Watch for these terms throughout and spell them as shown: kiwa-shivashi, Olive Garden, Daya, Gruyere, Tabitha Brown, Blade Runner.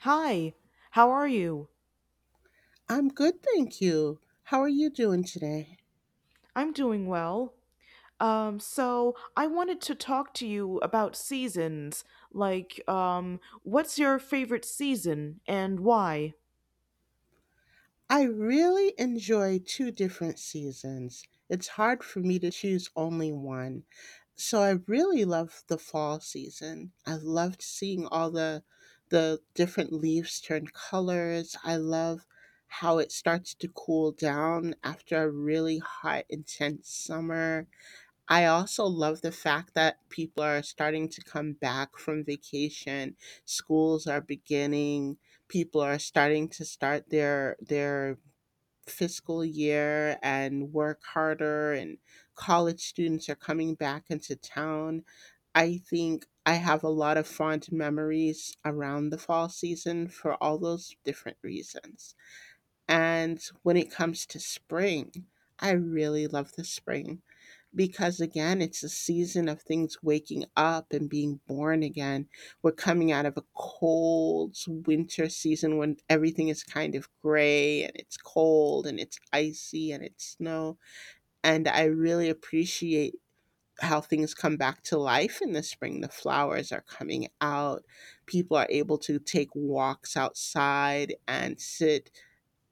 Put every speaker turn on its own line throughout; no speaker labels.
Hi, how are you?
I'm good, thank you. How are you doing today?
I'm doing well. So I wanted to talk to you about seasons. Like, what's your favorite season and why?
I really enjoy two different seasons. It's hard for me to choose only one. So I really love the fall season. I loved seeing all the different leaves turn colors. I love how it starts to cool down after a really hot intense summer. I also love the fact that people are starting to come back from vacation. Schools are beginning. People are starting to start their fiscal year and work harder and college students are coming back into town. I think I have a lot of fond memories around the fall season for all those different reasons. And when it comes to spring, I really love the spring because again it's a season of things waking up and being born again. We're coming out of a cold winter season when everything is kind of gray and it's cold and it's icy and it's snow, and I really appreciate how things come back to life in the spring. The flowers are coming out, people are able to take walks outside and sit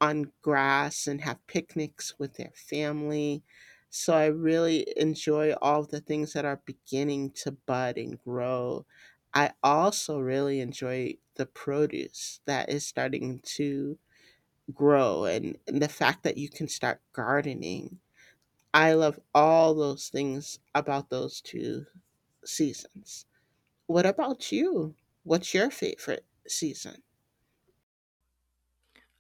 on grass and have picnics with their family. So I really enjoy all of the things that are beginning to bud and grow. I also really enjoy the produce that is starting to grow, and the fact that you can start gardening. I love all those things about those two seasons. What about you? What's your favorite season?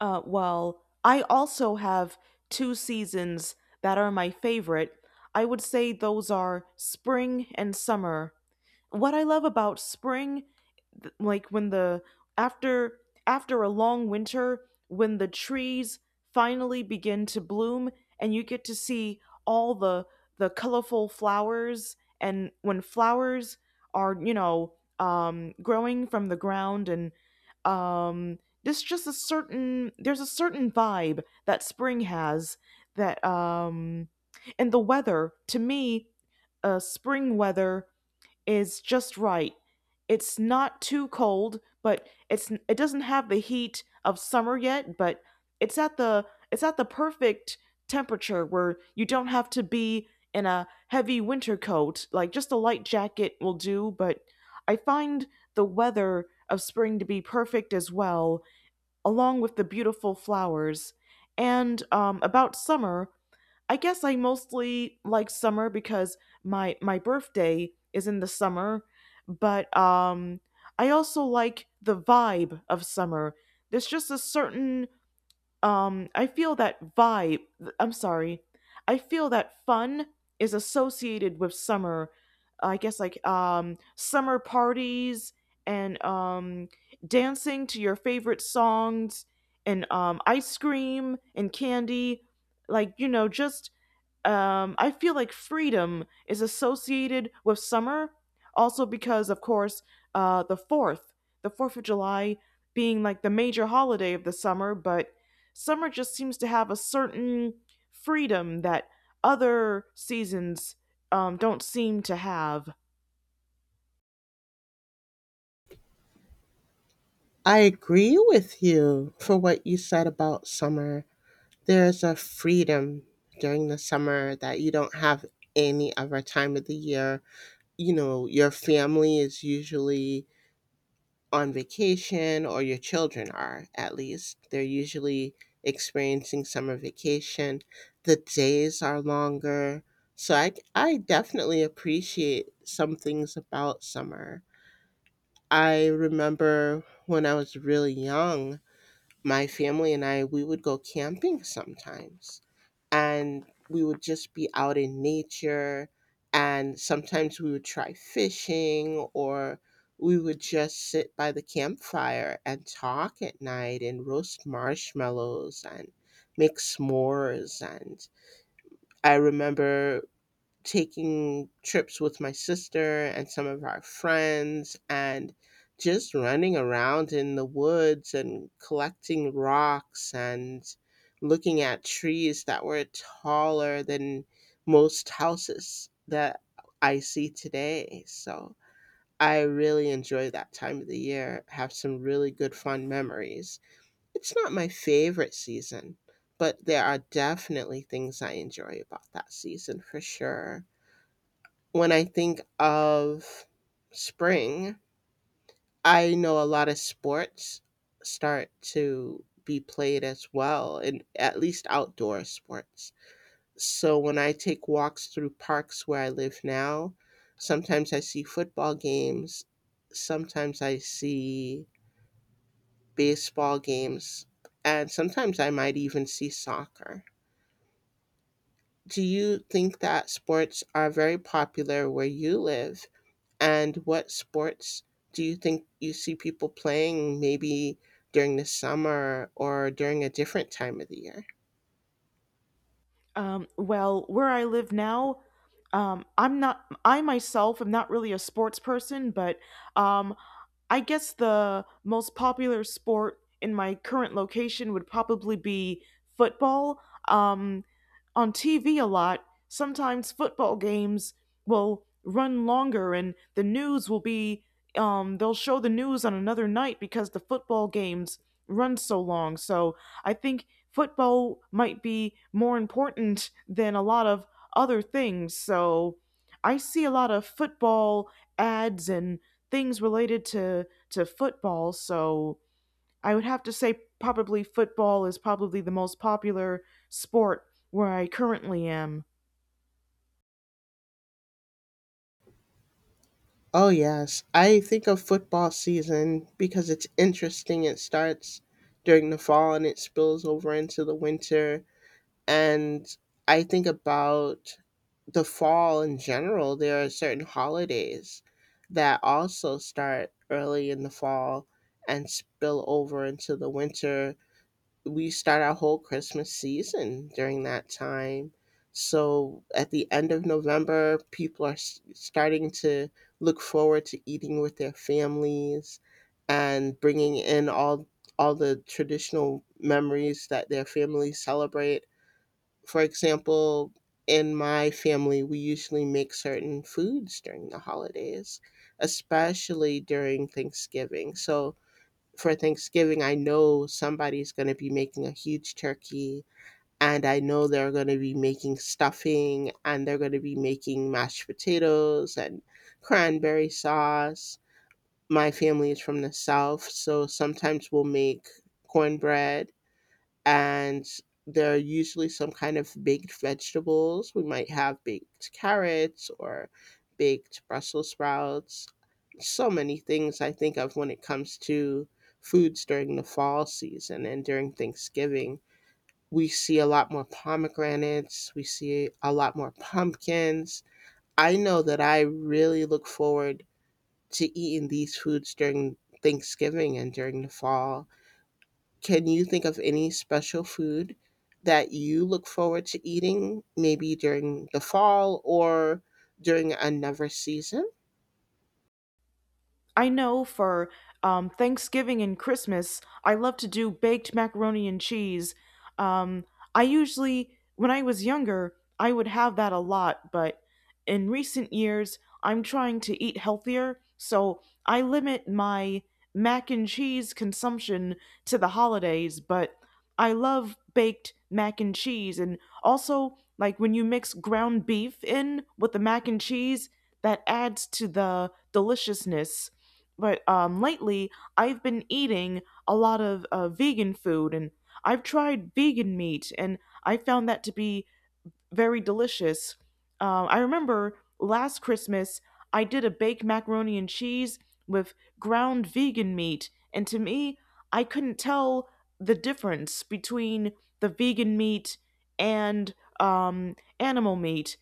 Well, I also have two seasons that are my favorite. I would say those are spring and summer. What I love about spring, like when the after after a long winter, when the trees finally begin to bloom and you get to see all the colorful flowers, and when flowers are, growing from the ground. And this just a certain there's a certain vibe that spring has that And the weather to me, spring weather is just right. It's not too cold, but it doesn't have the heat of summer yet, but it's at the it's at the perfect temperature where you don't have to be in a heavy winter coat. Like just a light jacket will do, but I find the weather of spring to be perfect as well, along with the beautiful flowers. And About summer, I guess I mostly like summer because my birthday is in the summer, but I also like the vibe of summer. There's just a certain, I feel that vibe, I'm sorry. I feel that fun is associated with summer. I guess, like, summer parties, and dancing to your favorite songs, and ice cream and candy, like, just, I feel like freedom is associated with summer, also because, of course, the 4th, the 4th of July being like the major holiday of the summer, but summer just seems to have a certain freedom that other seasons don't seem to have.
I agree with you for what you said about summer. There's a freedom during the summer that you don't have any other time of the year. You know, your family is usually on vacation, or your children are at least. They're usually experiencing summer vacation. The days are longer. So I definitely appreciate some things about summer. I remember when I was really young, my family and I, we would go camping sometimes and we would just be out in nature. And sometimes we would try fishing, or we would just sit by the campfire and talk at night and roast marshmallows and make s'mores. And I remember taking trips with my sister and some of our friends and just running around in the woods and collecting rocks and looking at trees that were taller than most houses that I see today. So I really enjoy that time of the year, have some really good fun memories. It's not my favorite season, but there are definitely things I enjoy about that season for sure. When I think of spring, I know a lot of sports start to be played as well, and at least outdoor sports. So when I take walks through parks where I live now, sometimes I see football games, sometimes I see baseball games, and sometimes I might even see soccer. Do you think that sports are very popular where you live? And what sports do you think you see people playing maybe during the summer or during a different time of the year?
Well, where I live now, I'm not, I myself am not really a sports person, but um, I guess the most popular sport in my current location would probably be football. Um, on TV a lot, sometimes football games will run longer, and the news will be, they'll show the news on another night because the football games run so long. So I think football might be more important than a lot of other things. So I see a lot of football ads and things related to football. So I would have to say probably football is probably the most popular sport where I currently am.
Oh, yes. I think of football season because it's interesting. It starts during the fall and it spills over into the winter. And I think about the fall in general. There are certain holidays that also start early in the fall and spill over into the winter. We start our whole Christmas season during that time. So at the end of November, people are starting to look forward to eating with their families and bringing in all the traditional memories that their families celebrate. For example, in my family, we usually make certain foods during the holidays, especially during Thanksgiving. So for Thanksgiving, I know somebody's going to be making a huge turkey, and I know they're going to be making stuffing, and they're going to be making mashed potatoes and cranberry sauce. My family is from the South, so sometimes we'll make cornbread, and there are usually some kind of baked vegetables. We might have baked carrots or baked Brussels sprouts. So many things I think of when it comes to foods during the fall season and during Thanksgiving. We see a lot more pomegranates, we see a lot more pumpkins. I know that I really look forward to eating these foods during Thanksgiving and during the fall. Can you think of any special food that you look forward to eating maybe during the fall or during another season?
I know for Thanksgiving and Christmas, I love to do baked macaroni and cheese. Um, when I was younger, I would have that a lot, but in recent years, I'm trying to eat healthier, so I limit my mac and cheese consumption to the holidays. But I love baked mac and cheese. And also, like when you mix ground beef in with the mac and cheese, that adds to the deliciousness. But lately, I've been eating a lot of vegan food, and I've tried vegan meat, and I found that to be very delicious. I remember last Christmas I did a baked macaroni and cheese with ground vegan meat, and to me, I couldn't tell the difference between the vegan meat and animal meat.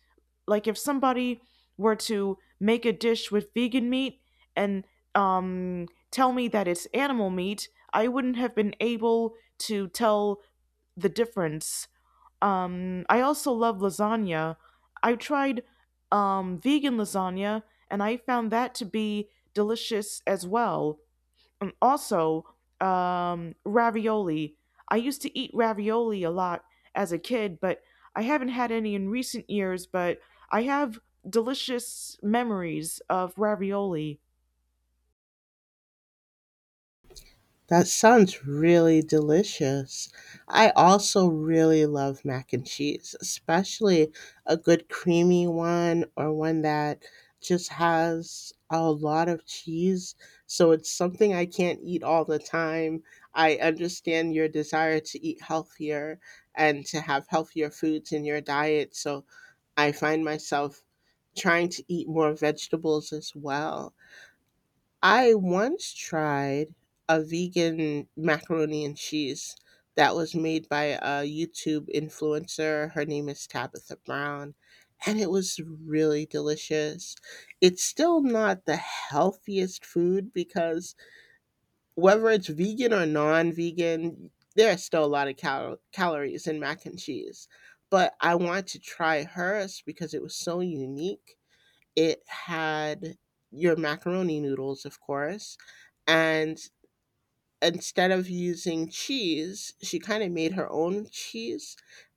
Like if somebody were to make a dish with vegan meat and tell me that it's animal meat, I wouldn't have been able to tell the difference. I also love lasagna. I tried vegan lasagna and I found that to be delicious as well. And also, ravioli. I used to eat ravioli a lot as a kid, but I haven't had any in recent years, but I have delicious memories of ravioli.
That sounds really delicious. I also really love mac and cheese, especially a good creamy one or one that just has a lot of cheese. So it's something I can't eat all the time. I understand your desire to eat healthier and to have healthier foods in your diet. So I find myself trying to eat more vegetables as well. I once tried a vegan macaroni and cheese that was made by a YouTube influencer. Her name is Tabitha Brown, and it was really delicious. It's still not the healthiest food because whether it's vegan or non vegan, there are still a lot of calories in mac and cheese. But I wanted to try hers because it was so unique. It had your macaroni noodles, of course. And instead of using cheese, she kind of made her own cheese,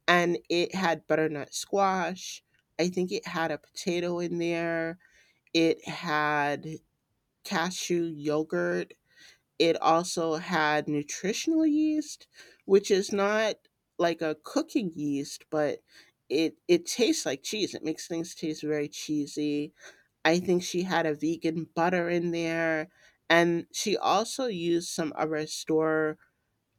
and it had butternut squash. I think it had a potato in there. It had cashew yogurt. It also had nutritional yeast, which is not like a cooking yeast, but it tastes like cheese. It makes things taste very cheesy. I think she had a vegan butter in there. And she also used some other store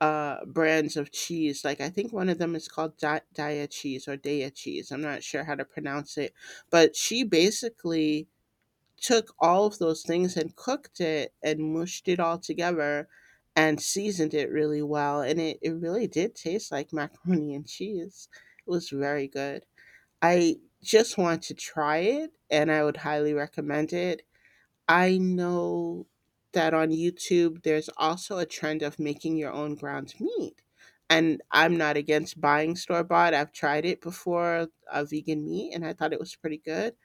brands of cheese. Like, I think one of them is called Dia cheese or Daya cheese. I'm not sure how to pronounce it. But she basically took all of those things and cooked it and mushed it all together and seasoned it really well. And it really did taste like macaroni and cheese. It was very good. I just want to try it and I would highly recommend it. I know that on YouTube, there's also a trend of making your own ground meat. And I'm not against buying store bought. I've tried it before, a vegan meat, and I thought it was pretty good.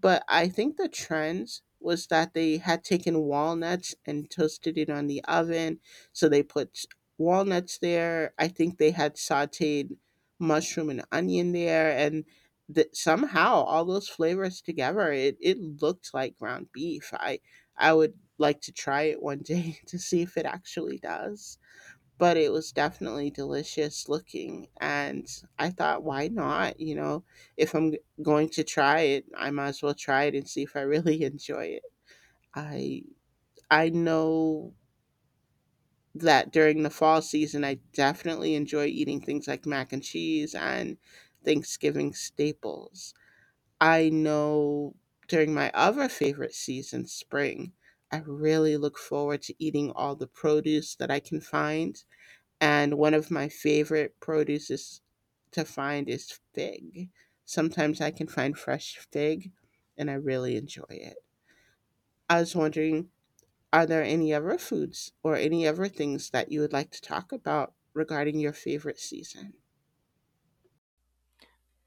But I think the trends was that they had taken walnuts and toasted it on the oven. So they put walnuts there. I think they had sauteed mushroom and onion there. And that somehow all those flavors together, it looked like ground beef. I would like to try it one day to see if it actually does, but it was definitely delicious looking. And I thought, why not? You know, if I'm going to try it, I might as well try it and see if I really enjoy it. I I know that during the fall season, I definitely enjoy eating things like mac and cheese and Thanksgiving staples. I know during my other favorite season, spring, I really look forward to eating all the produce that I can find, and one of my favorite produces to find is fig. Sometimes I can find fresh fig and I really enjoy it. I was wondering, are there any other foods or any other things that you would like to talk about regarding your favorite season?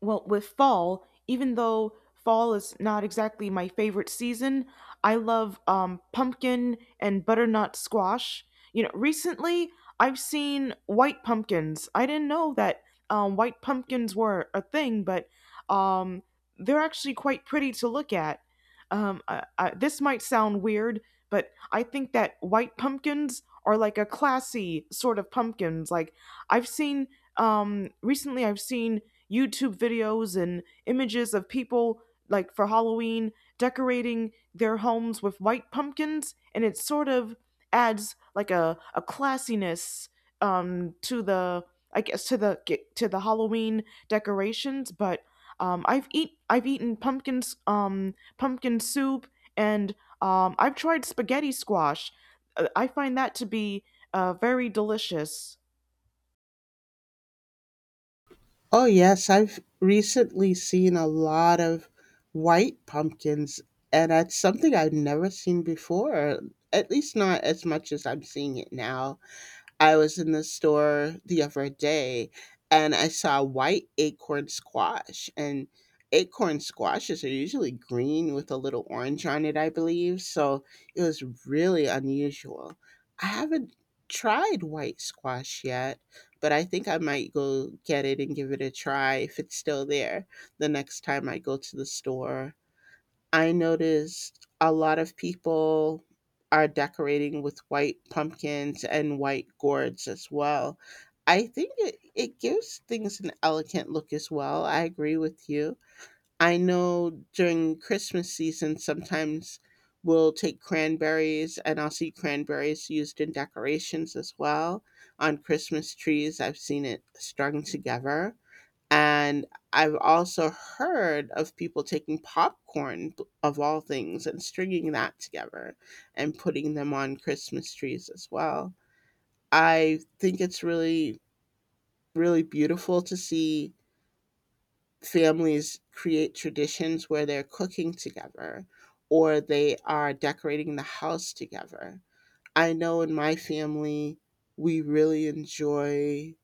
Well, with fall, even though fall is not exactly my favorite season, I love pumpkin and butternut squash. You know, recently I've seen white pumpkins. I didn't know that white pumpkins were a thing, but um, they're actually quite pretty to look at. This might sound weird, but I think that white pumpkins are like a classy sort of pumpkins. Like I've seen recently, I've seen YouTube videos and images of people, like, for Halloween decorating their homes with white pumpkins, and it sort of adds like a classiness, to the I guess to the Halloween decorations. But I've eaten pumpkins, pumpkin soup, and I've tried spaghetti squash. I find that to be very delicious.
Oh, yes, I've recently seen a lot of white pumpkins, and that's something I've never seen before, at least not as much as I'm seeing it now. I was in the store the other day and I saw white acorn squash. And acorn squashes are usually green with a little orange on it, I believe. So it was really unusual. I haven't tried white squash yet, but I think I might go get it and give it a try if it's still there the next time I go to the store. I noticed a lot of people are decorating with white pumpkins and white gourds as well. I think it gives things an elegant look as well. I agree with you. I know during Christmas season, sometimes we'll take cranberries and I'll see cranberries used in decorations as well. On Christmas trees, I've seen it strung together. And I've also heard of people taking popcorn, of all things, and stringing that together and putting them on Christmas trees as well. I think it's really, really beautiful to see families create traditions where they're cooking together or they are decorating the house together. I know in my family, we really enjoy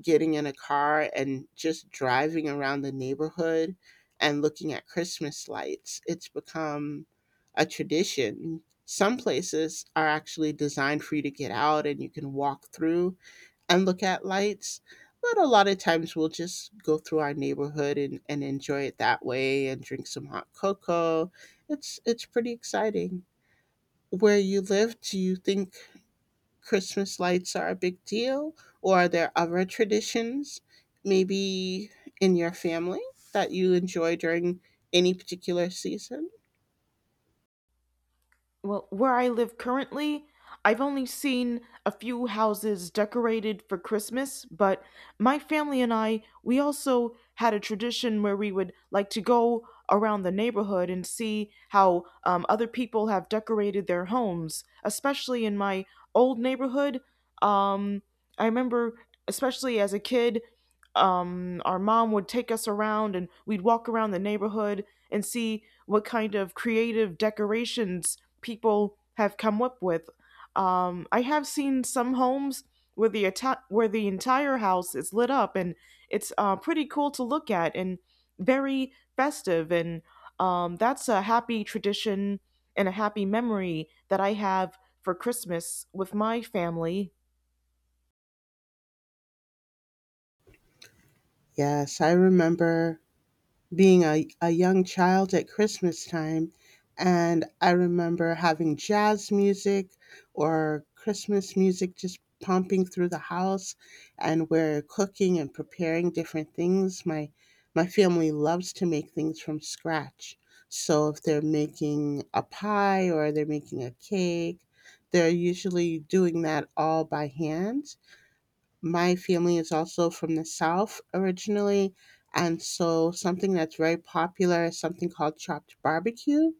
getting in a car and just driving around the neighborhood and looking at Christmas lights. It's become a tradition. Some places are actually designed for you to get out and you can walk through and look at lights. But a lot of times we'll just go through our neighborhood and enjoy it that way and drink some hot cocoa. It's pretty exciting. Where you live, do you think Christmas lights are a big deal, or are there other traditions, maybe in your family, that you enjoy during any particular season?
Well, where I live currently, I've only seen a few houses decorated for Christmas, but my family and I, we also had a tradition where we would like to go around the neighborhood and see how other people have decorated their homes, especially in my old neighborhood. Um, I remember, especially as a kid, our mom would take us around and we'd walk around the neighborhood and see what kind of creative decorations people have come up with. I have seen some homes where where the entire house is lit up, and it's pretty cool to look at and very festive. And that's a happy tradition and a happy memory that I have for Christmas with my family.
Yes, I remember being a young child at Christmas time. And I remember having jazz music or Christmas music just pumping through the house. And we're cooking and preparing different things. My family loves to make things from scratch. So if they're making a pie or they're making a cake, they're usually doing that all by hand. My family is also from the South originally. And so something that's very popular is something called chopped barbecue.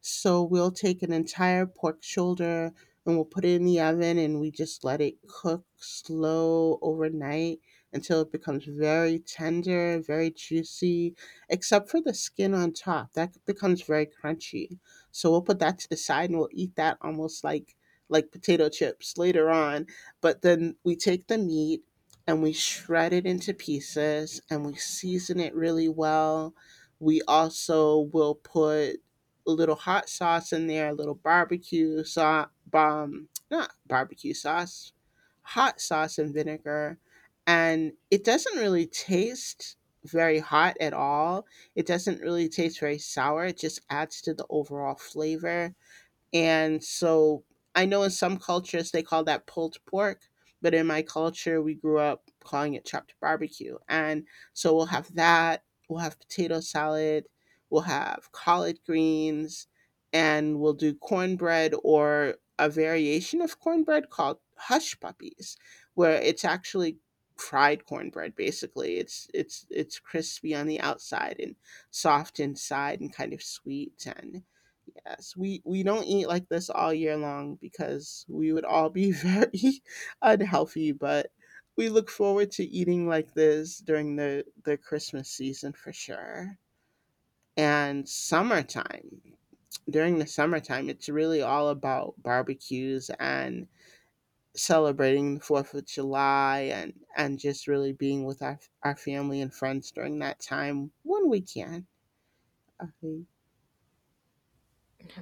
So we'll take an entire pork shoulder and we'll put it in the oven and we just let it cook slow overnight until it becomes very tender, very juicy, except for the skin on top. That becomes very crunchy. So we'll put that to the side and we'll eat that almost like potato chips later on. But then we take the meat and we shred it into pieces and we season it really well. We also will put a little hot sauce in there, a little barbecue sauce, not barbecue sauce, hot sauce and vinegar. And it doesn't really taste very hot at all. It doesn't really taste very sour. It just adds to the overall flavor. And so I know in some cultures they call that pulled pork, but in my culture we grew up calling it chopped barbecue. And so we'll have that, we'll have potato salad, we'll have collard greens, and we'll do cornbread or a variation of cornbread called hush puppies, where it's actually fried cornbread basically. It's crispy on the outside and soft inside and kind of sweet. And yes, we don't eat like this all year long because we would all be very unhealthy, but we look forward to eating like this during the Christmas season for sure. And summertime. During the summertime, it's really all about barbecues and celebrating the 4th of July and just really being with our family and friends during that time when we can. Uh,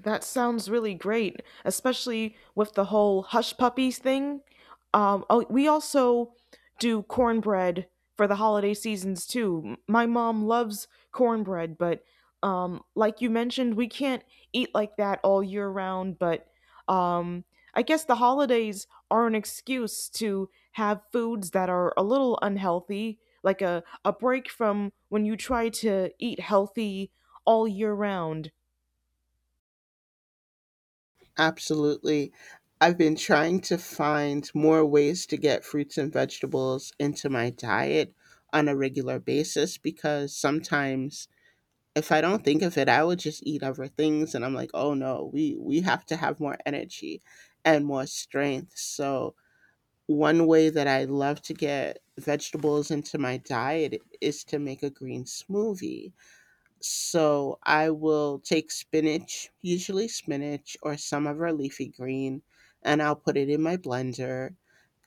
That sounds really great, especially with the whole hush puppies thing. Oh, we also do cornbread for the holiday seasons too. My mom loves cornbread, but like you mentioned, we can't eat like that all year round. But um, I guess the holidays are an excuse to have foods that are a little unhealthy, like a break from when you try to eat healthy all year round.
Absolutely. I've been trying to find more ways to get fruits and vegetables into my diet on a regular basis because sometimes if I don't think of it, I will just eat other things and I'm like, "Oh no, we have to have more energy and more strength." So, one way that I love to get vegetables into my diet is to make a green smoothie. So I will take spinach, usually spinach or some of our leafy green, and I'll put it in my blender.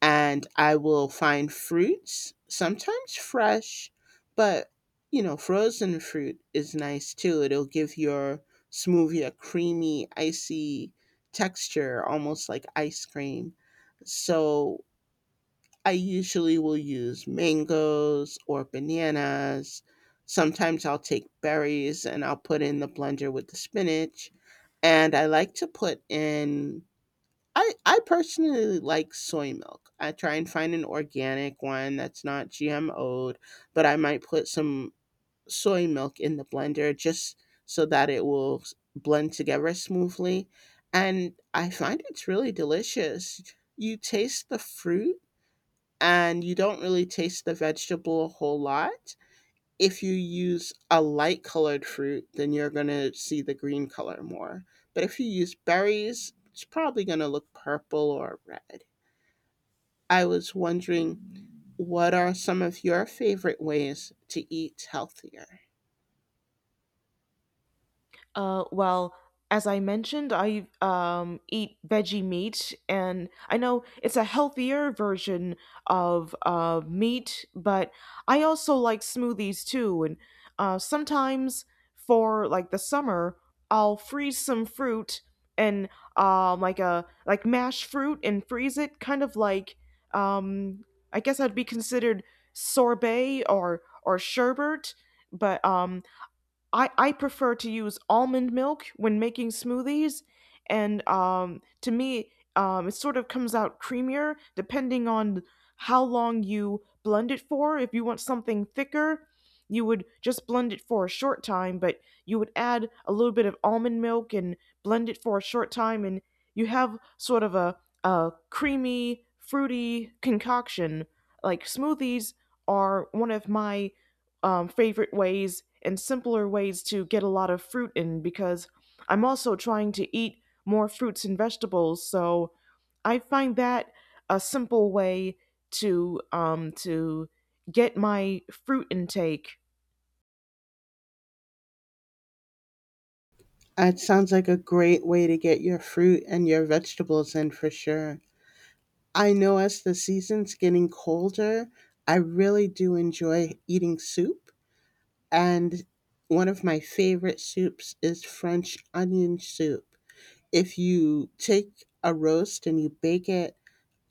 And I will find fruits, sometimes fresh, but you know, frozen fruit is nice too. It'll give your smoothie a creamy, icy texture, almost like ice cream. So I usually will use mangoes or bananas. Sometimes I'll take berries and I'll put in the blender with the spinach. And I like to put in, I personally like soy milk. I try and find an organic one that's not GMO'd, but I might put some soy milk in the blender just so that it will blend together smoothly. And I find it's really delicious. You taste the fruit and you don't really taste the vegetable a whole lot. If you use a light colored fruit, then you're going to see the green color more. But if you use berries, it's probably going to look purple or red. I was wondering, what are some of your favorite ways to eat healthier?
Well, as I mentioned, I eat veggie meat, and I know it's a healthier version of meat, but I also like smoothies too. And sometimes for like the summer, I'll freeze some fruit and, like mash fruit and freeze it, kind of like um, I guess I'd be considered sorbet or sherbet, but I prefer to use almond milk when making smoothies, and, to me, it sort of comes out creamier depending on how long you blend it for. If you want something thicker, you would just blend it for a short time, but you would add a little bit of almond milk and blend it for a short time, and you have sort of a creamy, fruity concoction. Like smoothies are one of my favorite ways and simpler ways to get a lot of fruit in because I'm also trying to eat more fruits and vegetables. So I find that a simple way to get my fruit intake.
It sounds like a great way to get your fruit and your vegetables in for sure. I know as the season's getting colder, I really do enjoy eating soup. And one of my favorite soups is French onion soup. If you take a roast and you bake it,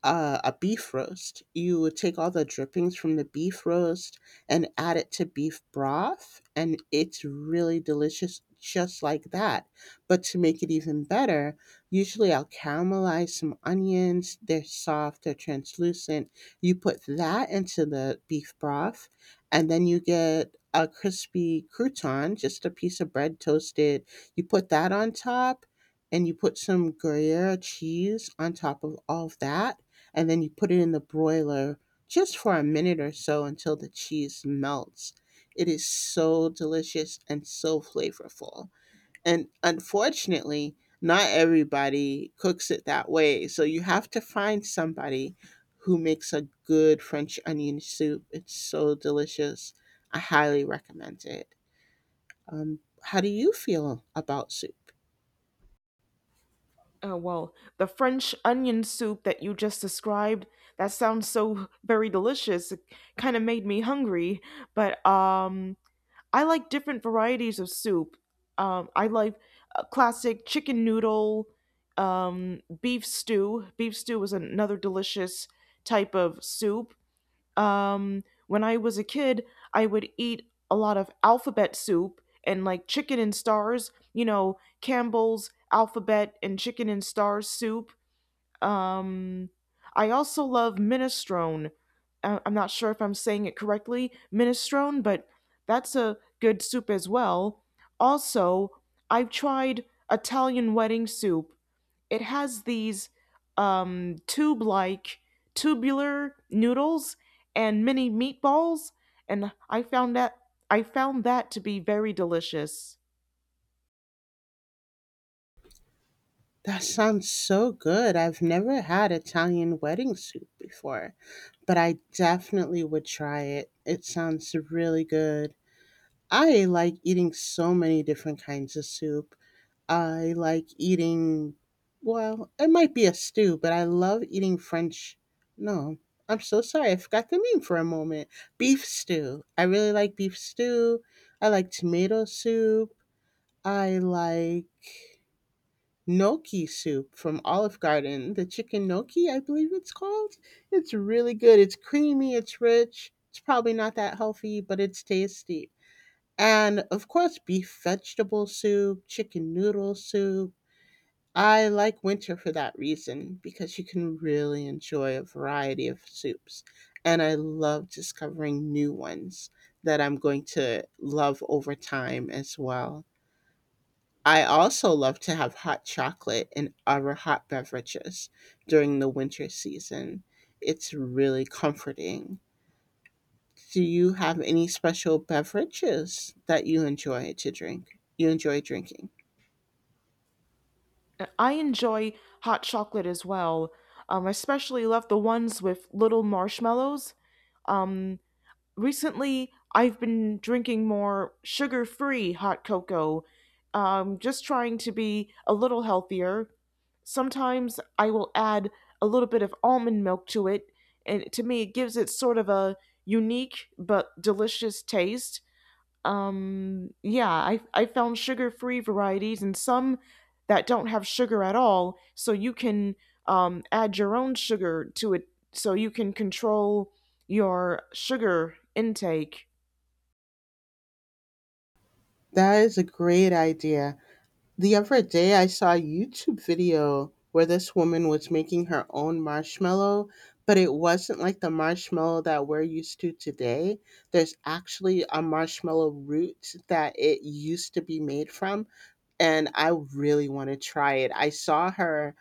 a beef roast. You would take all the drippings from the beef roast and add it to beef broth, and it's really delicious just like that. But to make it even better, usually I'll caramelize some onions. They're soft, they're translucent. You put that into the beef broth, and then you get a crispy crouton, just a piece of bread toasted. You put that on top, and you put some Gruyere cheese on top of all of that and then you put it in the broiler just for a minute or so until the cheese melts. It is so delicious and so flavorful. And unfortunately, not everybody cooks it that way. So you have to find somebody who makes a good French onion soup. It's so delicious. I highly recommend it. How do you feel about soup?
Well, the French onion soup that you just described, that sounds so very delicious. It kind of made me hungry, but I like different varieties of soup. I like classic chicken noodle, beef stew. Beef stew is another delicious type of soup. When I was a kid, I would eat a lot of alphabet soup and like chicken and stars, you know, Campbell's alphabet and chicken and stars soup. Um, I also love minestrone. I'm not sure if I'm saying it correctly, minestrone, but that's a good soup as well. Also, I've tried Italian wedding soup. It has these tube-like tubular noodles and mini meatballs, and I found that to be very delicious.
That sounds so good. I've never had Italian wedding soup before, but I definitely would try it. It sounds really good. I like eating so many different kinds of soup. I like eating, well, it might be a stew, but I love eating French. No, I'm so sorry. I forgot the name for a moment. Beef stew. I really like beef stew. I like tomato soup. I like gnocchi soup from Olive Garden, the chicken gnocchi, I believe it's called. It's really good. It's creamy, it's rich. It's probably not that healthy, but it's tasty. And of course, beef vegetable soup, chicken noodle soup. I like winter for that reason because you can really enjoy a variety of soups. And I love discovering new ones that I'm going to love over time as well. I also love to have hot chocolate and other hot beverages during the winter season. It's really comforting. Do you have any special beverages that you enjoy to drink? You enjoy drinking?
I enjoy hot chocolate as well. I especially love the ones with little marshmallows. Um, Recently, I've been drinking more sugar free hot cocoa, just trying to be a little healthier. Sometimes I will add a little bit of almond milk to it, and to me, it gives it sort of a unique but delicious taste. Yeah, I found sugar free varieties and some that don't have sugar at all. So you can add your own sugar to it so you can control your sugar intake.
That is a great idea. The other day, I saw a YouTube video where this woman was making her own marshmallow, but it wasn't like the marshmallow that we're used to today. There's actually a marshmallow root that it used to be made from and I really want to try it. I saw her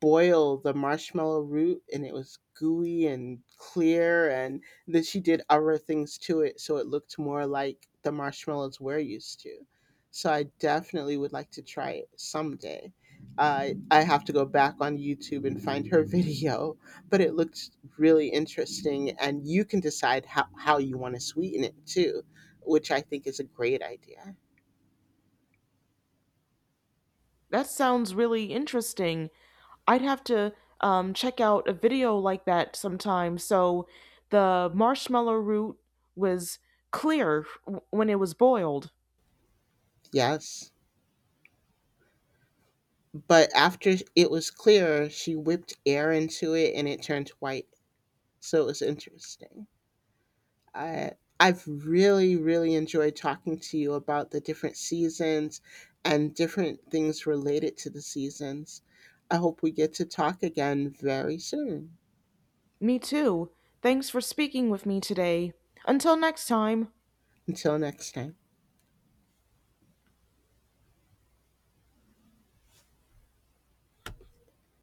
boil the marshmallow root and it was gooey and clear and then she did other things to it so it looked more like the marshmallows we're used to. So I definitely would like to try it someday. I have to go back on YouTube and find her video, but it looked really interesting and you can decide how you want to sweeten it too, which I think is a great idea.
That sounds really interesting. I'd have to check out a video like that sometime. So the marshmallow root was clear when it was boiled.
Yes. But after it was clear, she whipped air into it and it turned white. So it was interesting. I I've really enjoyed talking to you about the different seasons and different things related to the seasons. I hope we get to talk again very soon.
Me too. Thanks for speaking with me today. Until next time.
Until next time.